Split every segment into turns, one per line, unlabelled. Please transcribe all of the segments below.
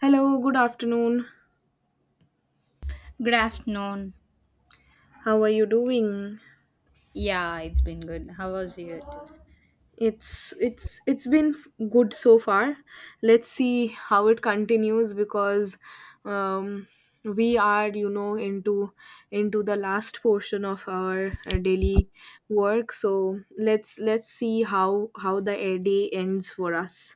Hello, good afternoon.
Good afternoon.
How are you doing?
Yeah, it's been good. How was it?
It's been good so far. Let's see how it continues, because um we are into the last portion of our daily work. So let's see how the day ends for us,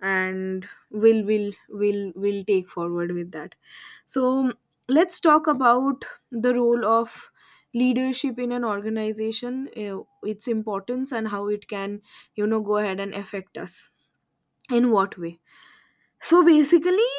and we'll will take forward with that. So let's talk about the role of leadership in an organization, its importance and how it can, you know, go ahead and affect us, in what way. So basically,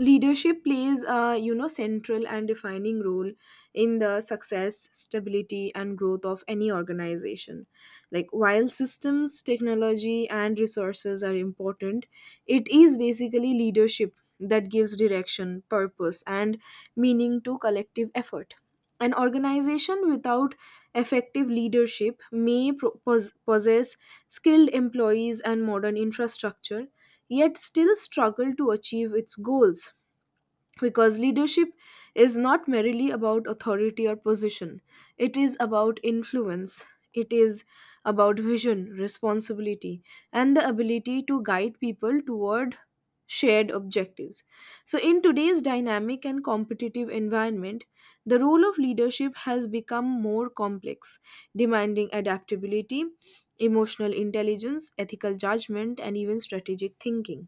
leadership plays a, you know, central and defining role in the success, stability and growth of any organization. Like, while systems, technology and resources are important, it is basically leadership that gives direction, purpose and meaning to collective effort. An organization without effective leadership may possess skilled employees and modern infrastructure, yet still struggle to achieve its goals, because leadership is not merely about authority or position. It is about influence. It is about vision, responsibility, and the ability to guide people toward shared objectives. So in today's dynamic and competitive environment, the role of leadership has become more complex, demanding adaptability, emotional intelligence, ethical judgment and even strategic thinking.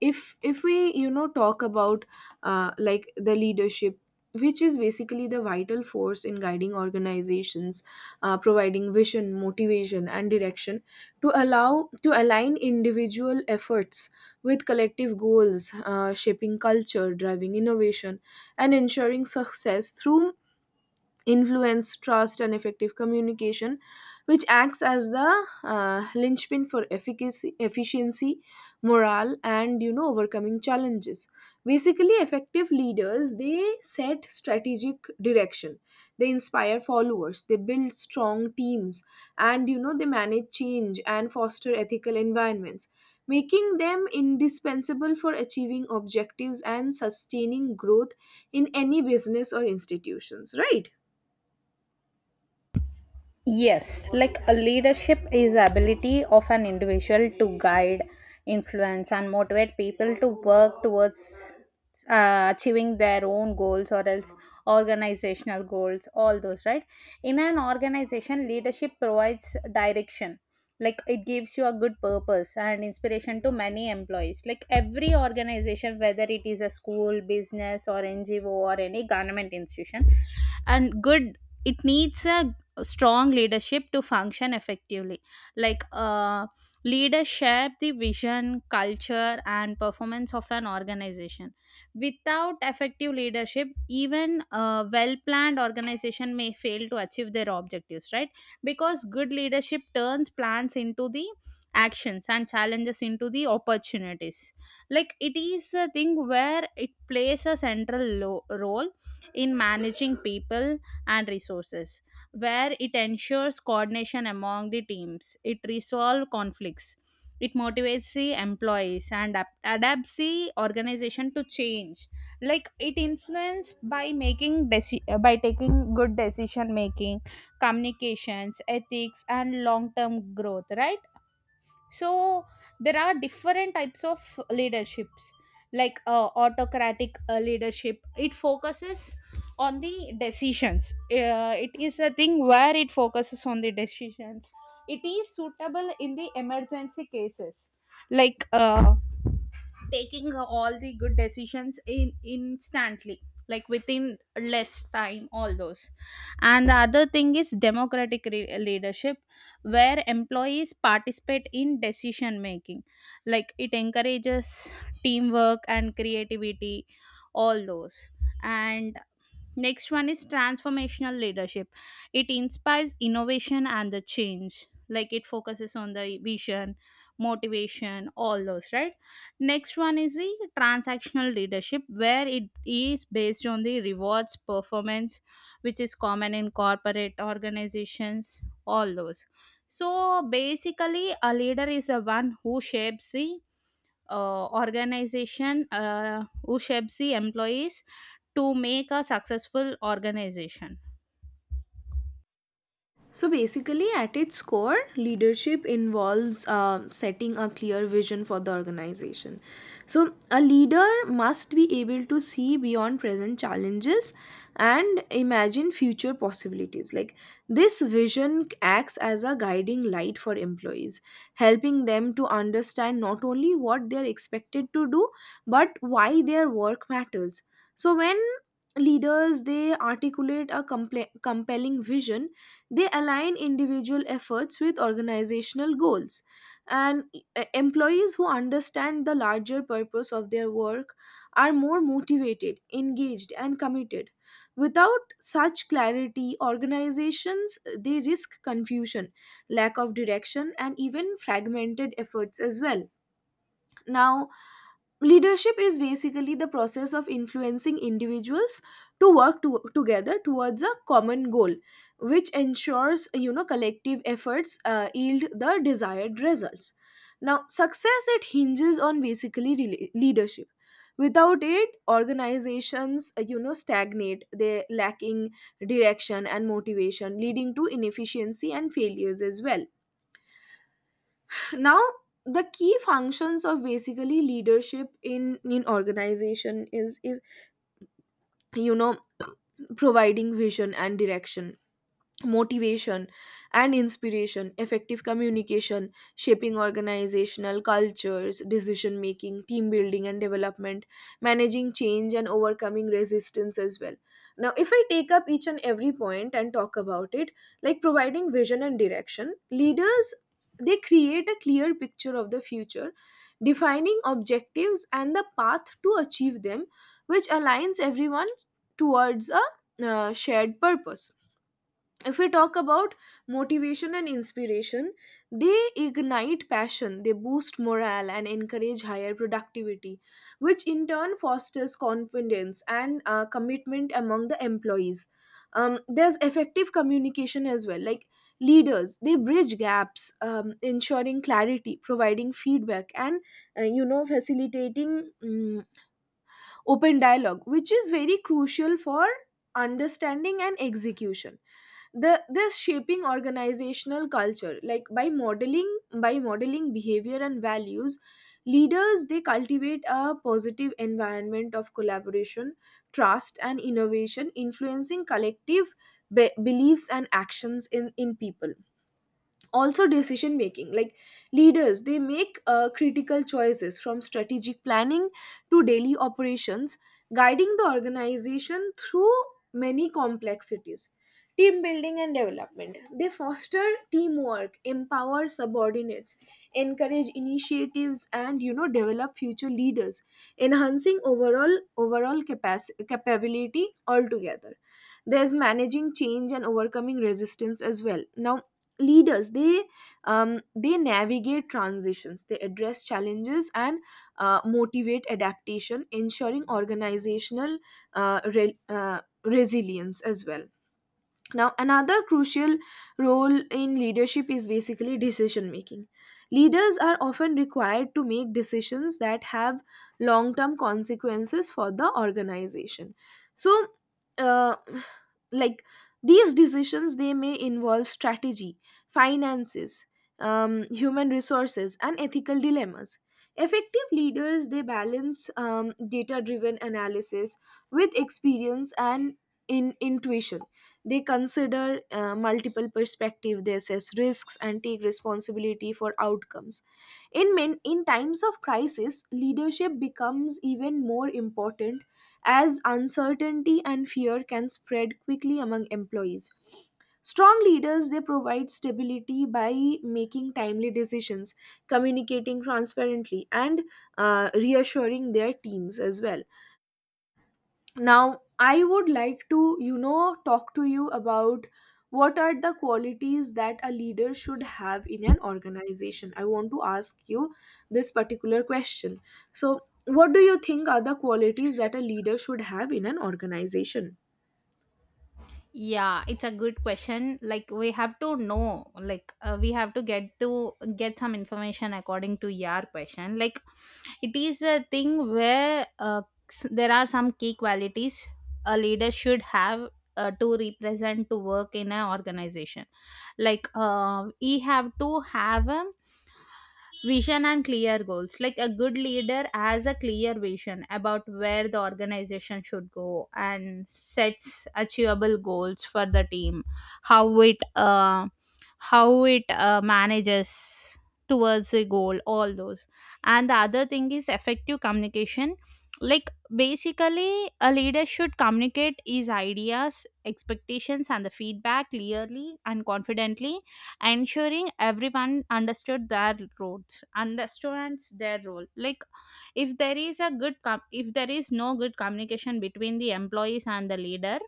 If we, you know, talk about, like, the leadership, which is basically the vital force in guiding organizations, providing vision, motivation and direction, to allow to align individual efforts with collective goals, shaping culture, driving innovation and ensuring success through influence, trust, and effective communication, which acts as the linchpin for efficacy, efficiency, morale, and, you know, overcoming challenges. Basically, effective leaders, they set strategic direction, they inspire followers, they build strong teams, and, you know, they manage change and foster ethical environments, making them indispensable for achieving objectives and sustaining growth in any business or institutions, right?
Yes, like a leadership is ability of an individual to guide, influence and motivate people to work towards achieving their own goals or else organizational goals, all those, right? In an organization, leadership provides direction. Like it gives you a good purpose and inspiration to many employees. Like every organization, whether it is a school, business, or NGO, or any government institution, and good it needs a strong leadership to function effectively. Like leaders shape the vision, culture and performance of an organization. Without effective leadership, even a well planned organization may fail to achieve their objectives, right? Because good leadership turns plans into the actions and challenges into the opportunities. Like, it is a thing where it plays a central role in managing people and resources, where it ensures coordination among the teams. It resolves conflicts. It motivates the employees and adapts the organization to change. Like, it influenced by making by taking good decision making, communications, ethics, and long term growth. Right, so there are different types of leaderships, like autocratic leadership. It focuses on the decisions. It is a thing where it focuses on the decisions. It is suitable in the emergency cases, like taking all the good decisions in instantly, like within less time, all those. And the other thing is democratic leadership, where employees participate in decision making. Like, it encourages teamwork and creativity, all those. And next one is transformational leadership. It inspires innovation and the change. Like it focuses on the vision, motivation, all those, right? Next one is the transactional leadership, where it is based on the rewards performance, which is common in corporate organizations, all those. So basically, a leader is the one who shapes the organization, who shapes the employees to make a successful organization.
So basically, at its core, leadership involves setting a clear vision for the organization. So, a leader must be able to see beyond present challenges and imagine future possibilities. Like, this vision acts as a guiding light for employees, helping them to understand not only what they're expected to do, but why their work matters. So, when leaders, they articulate a compelling vision, they align individual efforts with organizational goals, and employees who understand the larger purpose of their work are more motivated, engaged, and committed. Without such clarity, organizations, they risk confusion, lack of direction, and even fragmented efforts as well. Now, leadership is basically the process of influencing individuals to work to, together towards a common goal, which ensures, you know, collective efforts yield the desired results. Now success, it hinges on basically leadership. Without it, organizations, you know, stagnate, they lacking direction and motivation, leading to inefficiency and failures as well. Now, the key functions of basically leadership in organization is, if you know, providing vision and direction, motivation and inspiration, effective communication, shaping organizational cultures, decision making, team building and development, managing change and overcoming resistance as well. Now, if I take up each and every point and talk about it, like providing vision and direction, leaders, they create a clear picture of the future, defining objectives and the path to achieve them, which aligns everyone towards a shared purpose. If we talk about motivation and inspiration, they ignite passion, they boost morale and encourage higher productivity, which in turn fosters confidence and commitment among the employees. There's effective communication as well, like leaders, they bridge gaps, ensuring clarity, providing feedback and, you know, facilitating open dialogue, which is very crucial for understanding and execution. The this Shaping organizational culture, like by modeling behavior and values, leaders, they cultivate a positive environment of collaboration, trust and innovation, influencing collective beliefs and actions in people. Also decision making, like leaders, they make critical choices, from strategic planning to daily operations, guiding the organization through many complexities. Team building and development, they foster teamwork, empower subordinates, encourage initiatives and, you know, develop future leaders, enhancing overall capacity capability altogether. There's managing change and overcoming resistance as well. Now, leaders, they navigate transitions, they address challenges and motivate adaptation, ensuring organizational resilience as well. Now, another crucial role in leadership is basically decision making. Leaders are often required to make decisions that have long term consequences for the organization. So, uh, like, these decisions, they may involve strategy, finances, human resources, and ethical dilemmas. Effective leaders, they balance data driven analysis with experience and in intuition. They consider multiple perspective, they assess risks and take responsibility for outcomes. In times of crisis, leadership becomes even more important, as uncertainty and fear can spread quickly among employees. Strong leaders, they provide stability by making timely decisions, communicating transparently and, reassuring their teams as well. Now I would like to, you know, talk to you about what are the qualities that a leader should have in an organization. I want to ask you this particular question. So what do you think are the qualities that a leader should have in an organization?
Yeah, it's a good question. Like, we have to know, like we have to get some information according to your question. Like, it is a thing where there are some key qualities a leader should have to represent to work in an organization. Like we have to have a vision and clear goals. Like, a good leader has a clear vision about where the organization should go and sets achievable goals for the team. How it uh, how it manages towards a goal. All those. And the other thing is effective communication. Like basically, a leader should communicate his ideas, expectations, and the feedback clearly and confidently, ensuring everyone understood their roles understands their role. Like, if there is a good com- if there is no good communication between the employees and the leader,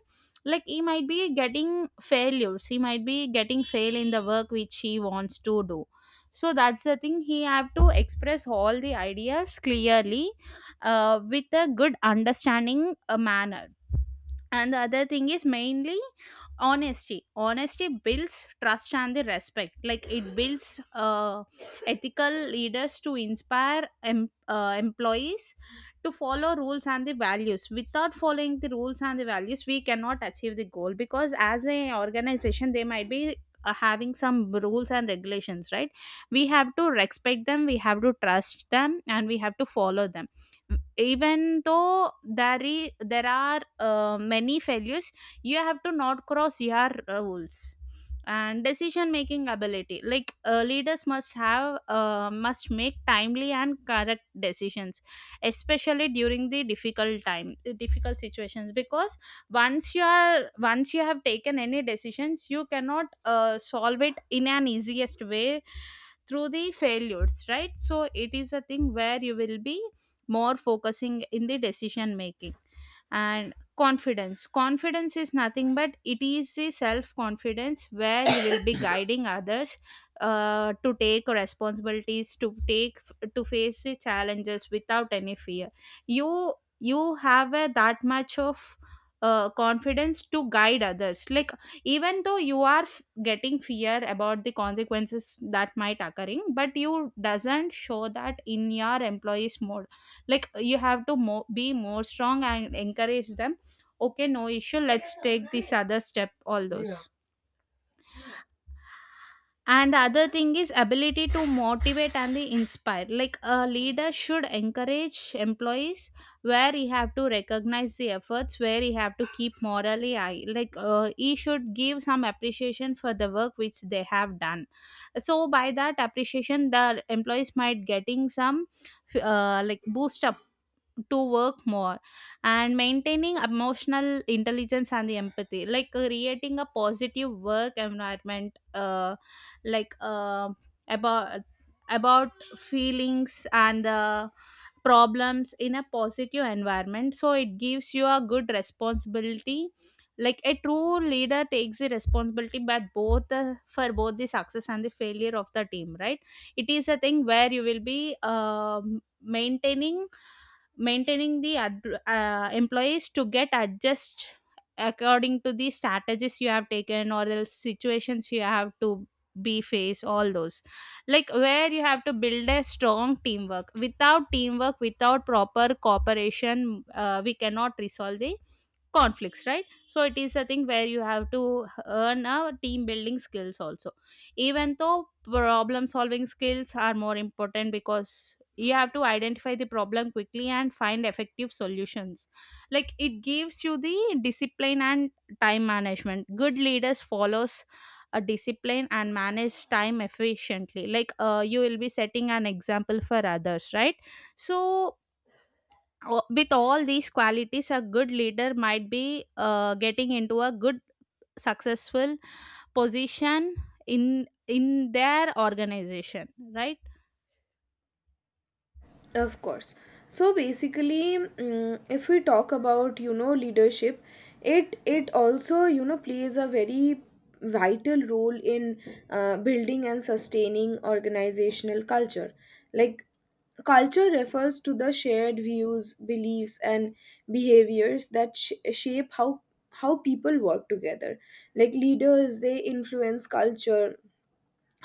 like, he might be getting failures, he might be getting fail in the work which he wants to do. So that's the thing, he have to express all the ideas clearly with a good understanding manner. And the other thing is mainly honesty. Honesty builds trust and the respect. Like, it builds ethical leaders to inspire employees to follow rules and the values. Without following the rules and the values, we cannot achieve the goal, because as a organization, they might be having some rules and regulations, right? We have to respect them, we have to trust them and we have to follow them, even though there are many failures. You have to not cross your rules. And decision making ability, like leaders must make timely and correct decisions, especially during the difficult situations. Because once you have taken any decisions, you cannot solve it in an easiest way through the failures, right? So it is a thing where you will be more focusing in the decision making. And confidence, confidence is nothing but it is the self confidence, where you will be guiding others to take responsibilities, to take, to face the challenges without any fear. you that much of confidence to guide others. Like, even though you are getting fear about the consequences that might occurring, but you doesn't show that in your employees mode. Like, you have to be more strong and encourage them. Okay, no issue, let's take this other step, all yeah, those. And the other thing is ability to motivate and the inspire. Like, a leader should encourage employees, where he have to recognize the efforts, where he have to keep morally high. Like he should give some appreciation for the work which they have done. So by that appreciation, the employees might getting some like boost up to work more. And maintaining emotional intelligence and the empathy, like creating a positive work environment, like uh, about about feelings and the problems in a positive environment. So it gives you a good responsibility. Like, a true leader takes the responsibility, but both the, for both the success and the failure of the team, right? It is a thing where you will be maintaining the employees to get adjust according to the strategies you have taken or the situations you have to be face, all those. Like, where you have to build a strong teamwork. Without teamwork, without proper cooperation, we cannot resolve the conflicts, right? So it is a thing where you have to earn a team building skills also. Even though problem solving skills are more important, because you have to identify the problem quickly and find effective solutions. Like, it gives you the discipline and time management. Good leaders follows a discipline and manage time efficiently. Like you will be setting an example for others, right? So, with all these qualities, a good leader might be getting into a good successful position in their organization, right?
Of course. So basically, if we talk about, you know, leadership, it also, you know, plays a very vital role in building and sustaining organizational culture. Like, culture refers to the shared views, beliefs, and behaviors that shape how people work together. Like, leaders, they influence culture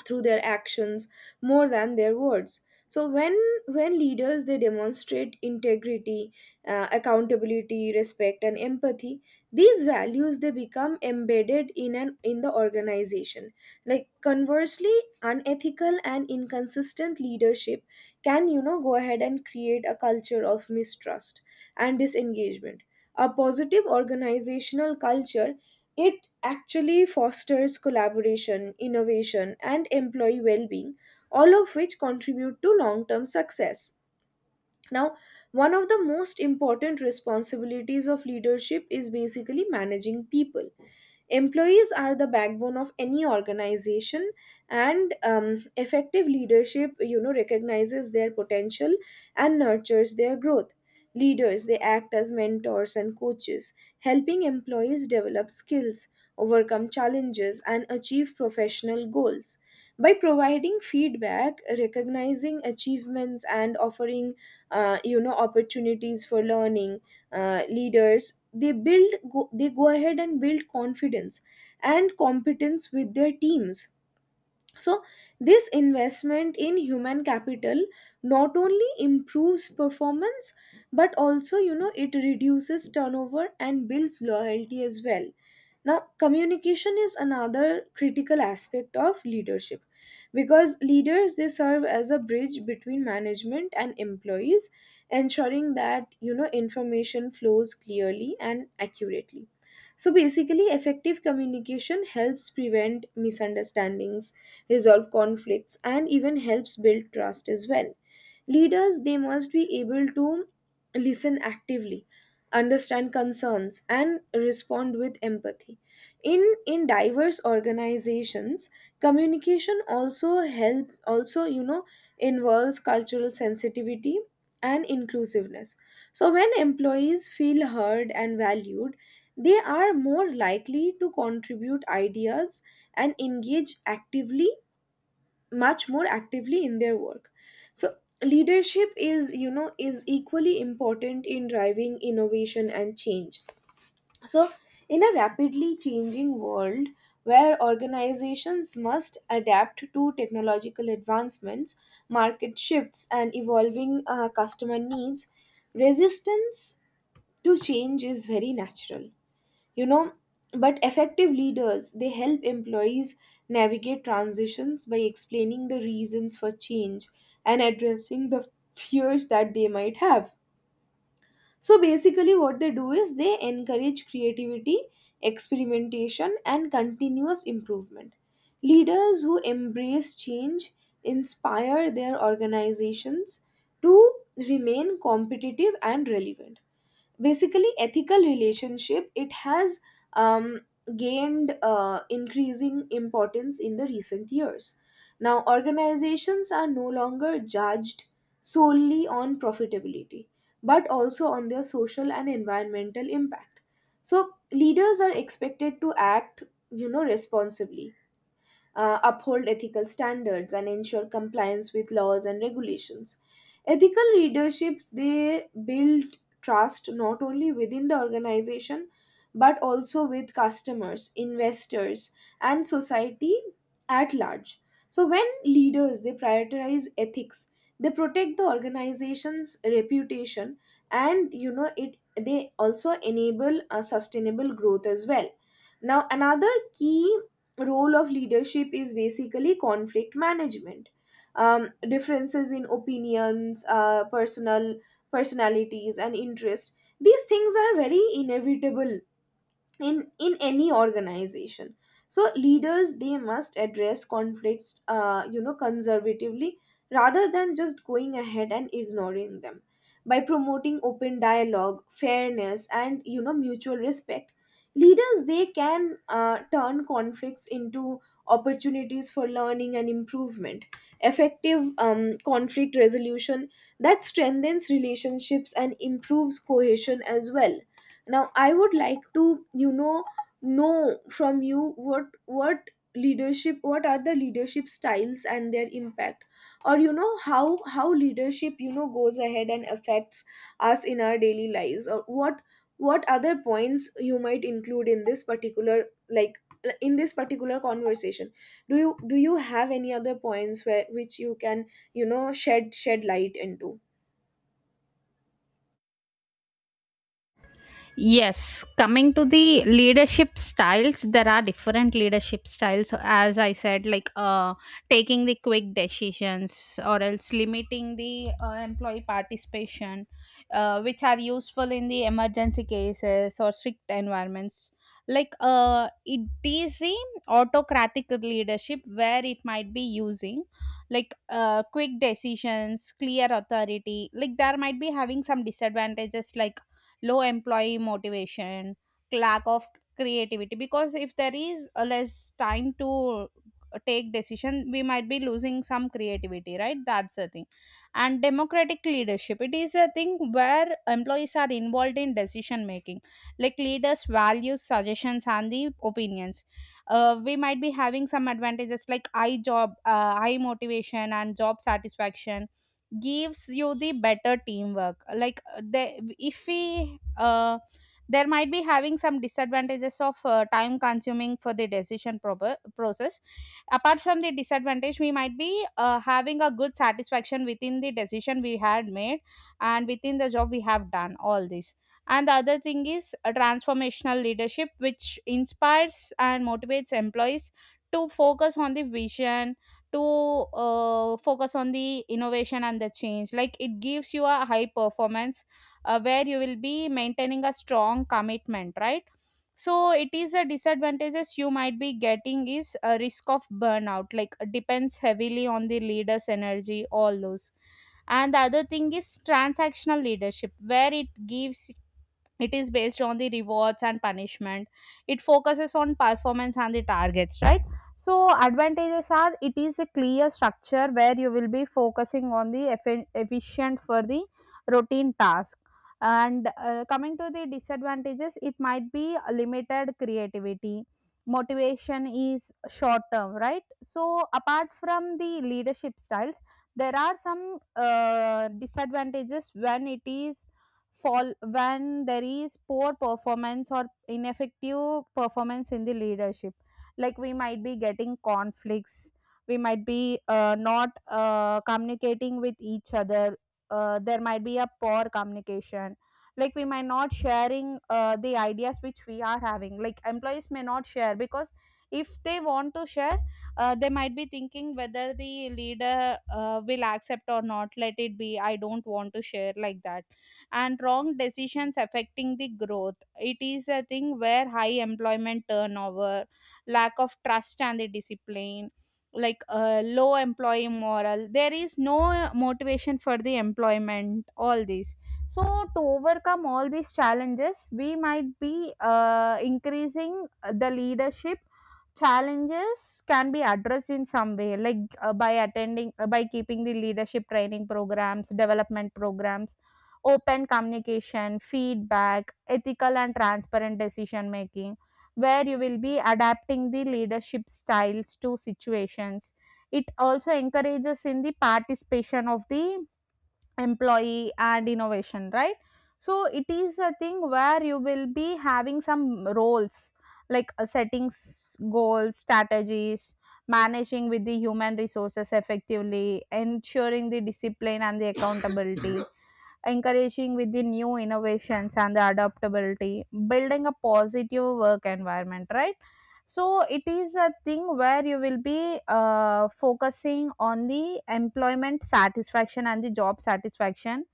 through their actions more than their words. So when leaders, they demonstrate integrity, accountability, respect and empathy, these values, they become embedded in an in the organization. Like, conversely, unethical and inconsistent leadership can, you know, go ahead and create a culture of mistrust and disengagement. A positive organizational culture, it actually fosters collaboration, innovation, and employee well being, all of which contribute to long term success. Now, one of the most important responsibilities of leadership is basically managing people. Employees are the backbone of any organization, and, effective leadership, you know, recognizes their potential and nurtures their growth. Leaders, they act as mentors and coaches, helping employees develop skills, overcome challenges, and achieve professional goals. By providing feedback, recognizing achievements, and offering, you know, opportunities for learning, leaders, they they go ahead and build confidence and competence with their teams. So, this investment in human capital not only improves performance, but also, you know, it reduces turnover and builds loyalty as well. Now, communication is another critical aspect of leadership, because leaders, they serve as a bridge between management and employees, ensuring that, you know, information flows clearly and accurately. So basically, effective communication helps prevent misunderstandings, resolve conflicts, and even helps build trust as well. Leaders, they must be able to listen actively, understand concerns, and respond with empathy. In diverse organizations, communication also help also you know, involves cultural sensitivity and inclusiveness. So, when employees feel heard and valued, they are more likely to contribute ideas and engage actively, much more actively in their work. So, leadership is, you know, is equally important in driving innovation and change. So, in a rapidly changing world where organizations must adapt to technological advancements, market shifts, and evolving customer needs, resistance to change is very natural, you know, but effective leaders, they help employees navigate transitions by explaining the reasons for change and addressing the fears that they might have. So basically, what they do is, they encourage creativity, experimentation and continuous improvement. Leaders who embrace change inspire their organizations to remain competitive and relevant. Basically, ethical relationship, it has um, gained increasing importance in the recent years. Now, organizations are no longer judged solely on profitability, but also on their social and environmental impact. So leaders are expected to act, you know, responsibly, uphold ethical standards and ensure compliance with laws and regulations. Ethical leaderships, they build trust not only within the organization, but also with customers, investors and society at large. So when leaders, they prioritize ethics, they protect the organization's reputation and, you know, it they also enable a sustainable growth as well. Now, another key role of leadership is basically conflict management. Differences in opinions, personalities and interest, these things are very inevitable in any organization. So leaders, they must address conflicts, you know, conservatively, rather than just going ahead and ignoring them. By promoting open dialogue, fairness and, you know, mutual respect, leaders, they can turn conflicts into opportunities for learning and improvement. Effective conflict resolution, that strengthens relationships and improves cohesion as well. Now I would like to, you know from you what leadership, what are the leadership styles and their impact, or, you know, how leadership, you know, goes ahead and affects us in our daily lives, or what other points you might include in this particular, like, in this particular conversation. Do you do you have any other points where which you can you know shed light into?
Yes, coming to the leadership styles, there are different leadership styles. So as I said, like taking the quick decisions or else limiting the employee participation, which are useful in the emergency cases or strict environments. Like it is the autocratic leadership, where it might be using, like quick decisions, clear authority. Like, there might be having some disadvantages like low employee motivation, lack of creativity, because if there is less time to take decision, we might be losing some creativity, right? That's the thing. And democratic leadership, it is a thing where employees are involved in decision making. Like, leaders values suggestions and the opinions. We might be having some advantages like high job, high motivation and job satisfaction, gives you the better teamwork. Like they, if we there might be having some disadvantages of time consuming for the decision proper process. Apart from the disadvantage, we might be having a good satisfaction within the decision we had made and within the job we have done, all this. And the other thing is a transformational leadership, which inspires and motivates employees to focus on the vision, to focus on the innovation and the change. Like, it gives you a high performance, where you will be maintaining a strong commitment, right? So it is a disadvantages you might be getting is a risk of burnout, like depends heavily on the leader's energy, all those. And the other thing is transactional leadership, where it gives, it is based on the rewards and punishment. It focuses on performance and the targets, right? So advantages are, it is a clear structure, where you will be focusing on the efficient for the routine task. And coming to the disadvantages, it might be limited creativity. Motivation is short term, right? So apart from the leadership styles, there are some disadvantages when it is fall, when there is poor performance or ineffective performance in the leadership. Like, we might be getting conflicts. We might be not communicating with each other. There might be a poor communication. Like, we might not sharing the ideas which we are having. Like, employees may not share, because if they want to share, they might be thinking whether the leader will accept or not, let it be, I don't want to share, like that. And wrong decisions affecting the growth. It is a thing where high employment turnover, lack of trust and the discipline, like low employee moral. There is no motivation for the employment, all these. So, to overcome all these challenges, we might be increasing the leadership challenges can be addressed in some way, like by attending, by keeping the leadership training programs, development programs, open communication, feedback, ethical and transparent decision making, where you will be adapting the leadership styles to situations. It also encourages in the participation of the employee and innovation, right? So it is a thing where you will be having some roles, like setting goals, strategies, managing with the human resources effectively, ensuring the discipline and the accountability, encouraging with the new innovations and the adaptability, building a positive work environment, right? So it is a thing where you will be focusing on the employment satisfaction and the job satisfaction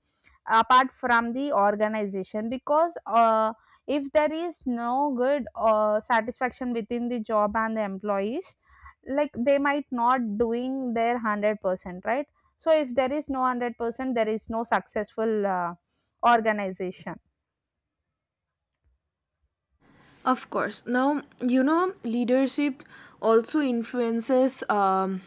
apart from the organization, because if there is no good satisfaction within the job and the employees, like they might not doing their 100%, right? So if there is no 100%, there is no successful organization.
Of course. Now, you know, leadership also influences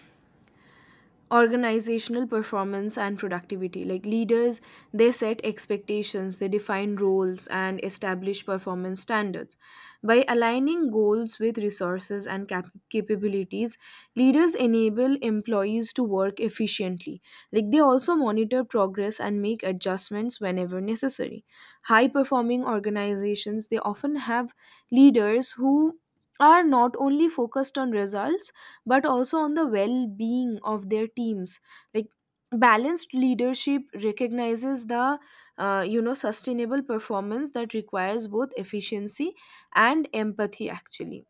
organizational performance and productivity, like leaders, they set expectations, they define roles and establish performance standards. By aligning goals with resources and capabilities, leaders enable employees to work efficiently. Like, they also monitor progress and make adjustments whenever necessary. High performing organizations, they often have leaders who are not only focused on results but also on the well being of their teams. Like, balanced leadership recognizes the you know sustainable performance that requires both efficiency and empathy actually.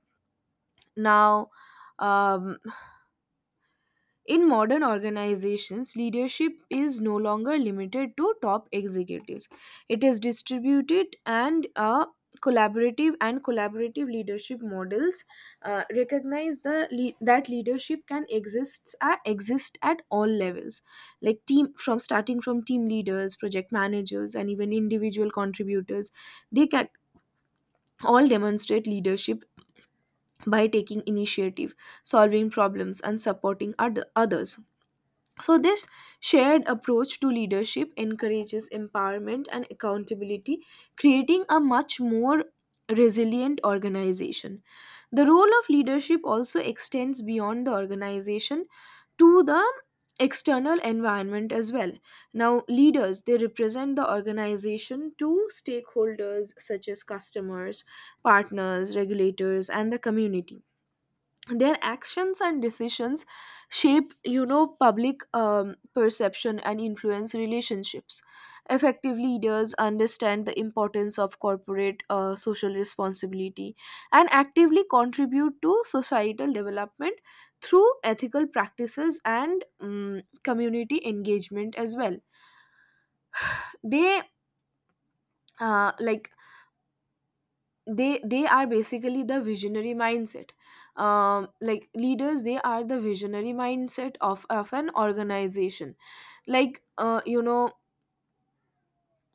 Now, um, in modern organizations, leadership is no longer limited to top executives. It is distributed and a collaborative, and collaborative leadership models recognize the that leadership can exists at, exist at all levels, like team from starting from team leaders, project managers, and even individual contributors. They can all demonstrate leadership by taking initiative, solving problems, and supporting other, others. So this shared approach to leadership encourages empowerment and accountability, creating a much more resilient organization. The role of leadership also extends beyond the organization to the external environment as well. Now, leaders, they represent the organization to stakeholders such as customers, partners, regulators, and the community. Their actions and decisions shape, you know, public perception and influence relationships. Effective leaders understand the importance of corporate social responsibility and actively contribute to societal development through ethical practices and community engagement as well. They like, they are basically the visionary mindset. Like, leaders, they are the visionary mindset of an organization. Like, you know,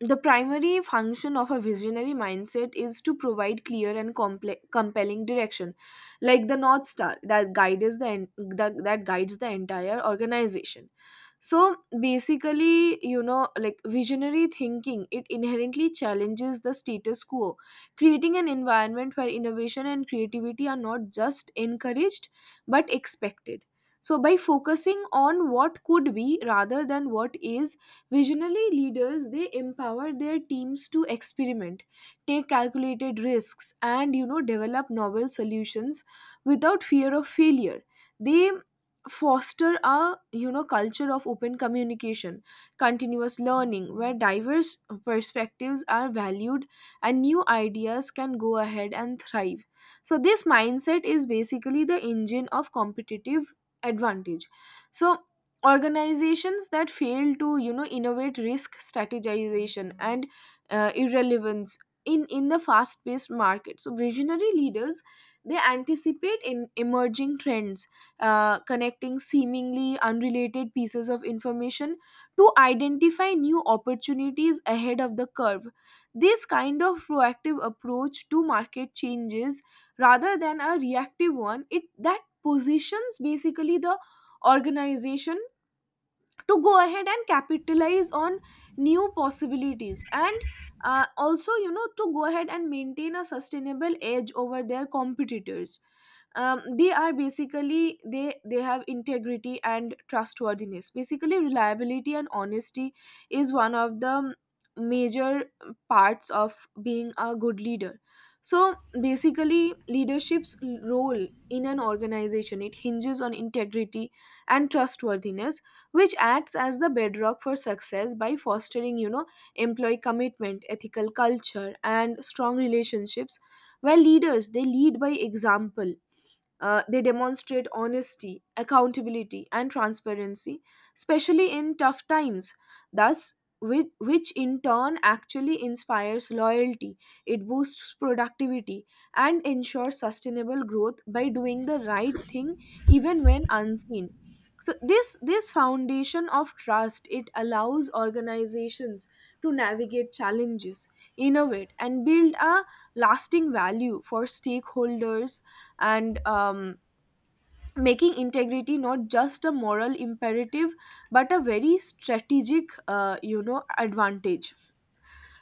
the primary function of a visionary mindset is to provide clear and compelling direction, like the North Star that guides the, that, that guides the entire organization. So basically, you know, like visionary thinking, it inherently challenges the status quo, creating an environment where innovation and creativity are not just encouraged but expected. So by focusing on what could be rather than what is, visionary leaders, they empower their teams to experiment, take calculated risks, and you know develop novel solutions without fear of failure. They foster a, you know, culture of open communication, continuous learning, where diverse perspectives are valued and new ideas can go ahead and thrive. So this mindset is basically the engine of competitive advantage. So organizations that fail to, you know, innovate risk strategization and irrelevance in the fast paced market. So visionary leaders, they anticipate in emerging trends, connecting seemingly unrelated pieces of information to identify new opportunities ahead of the curve. This kind of proactive approach to market changes rather than a reactive one, it, that positions basically the organization to go ahead and capitalize on new possibilities and also, you know, to go ahead and maintain a sustainable edge over their competitors. They are basically, they have integrity and trustworthiness. Basically reliability and honesty is one of the major parts of being a good leader. So basically, leadership's role in an organization, it hinges on integrity and trustworthiness, which acts as the bedrock for success by fostering, you know, employee commitment, ethical culture, and strong relationships, where leaders, they lead by example. They demonstrate honesty, accountability, and transparency, especially in tough times. Thus, which in turn actually inspires loyalty, it boosts productivity, and ensures sustainable growth by doing the right thing even when unseen. So this foundation of trust, it allows organizations to navigate challenges, innovate, and build a lasting value for stakeholders. And making integrity not just a moral imperative but a very strategic, you know, advantage.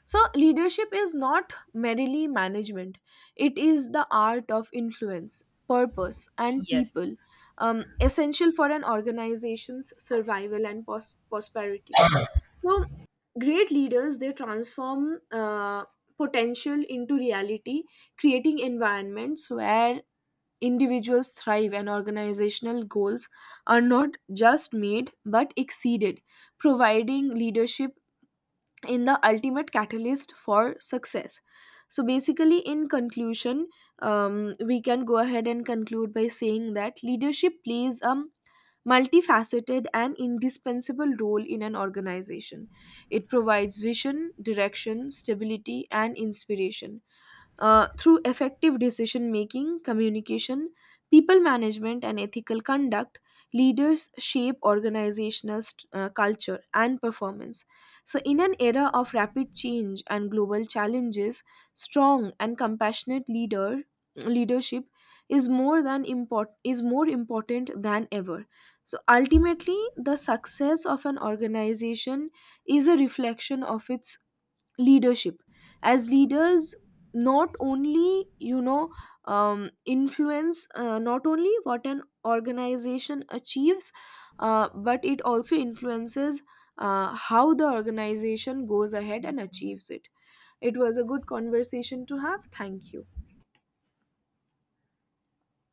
So leadership is not merely management, it is the art of influence, purpose, and people. Essential for an organization's survival and prosperity. So great leaders, they transform potential into reality, creating environments where individuals thrive and organizational goals are not just made but exceeded, providing leadership in the ultimate catalyst for success. So basically, in conclusion, we can go ahead and conclude by saying that leadership plays a multifaceted and indispensable role in an organization. It provides vision, direction, stability, and inspiration. Through effective decision making, communication, people management, and ethical conduct, leaders shape organizational culture and performance. So in an era of rapid change and global challenges, strong and compassionate leadership is more than import is more important than ever. So ultimately, the success of an organization is a reflection of its leadership. As leaders, not only, you know, influence, not only what an organization achieves, but it also influences how the organization goes ahead and achieves it. It was a good conversation to have. Thank you.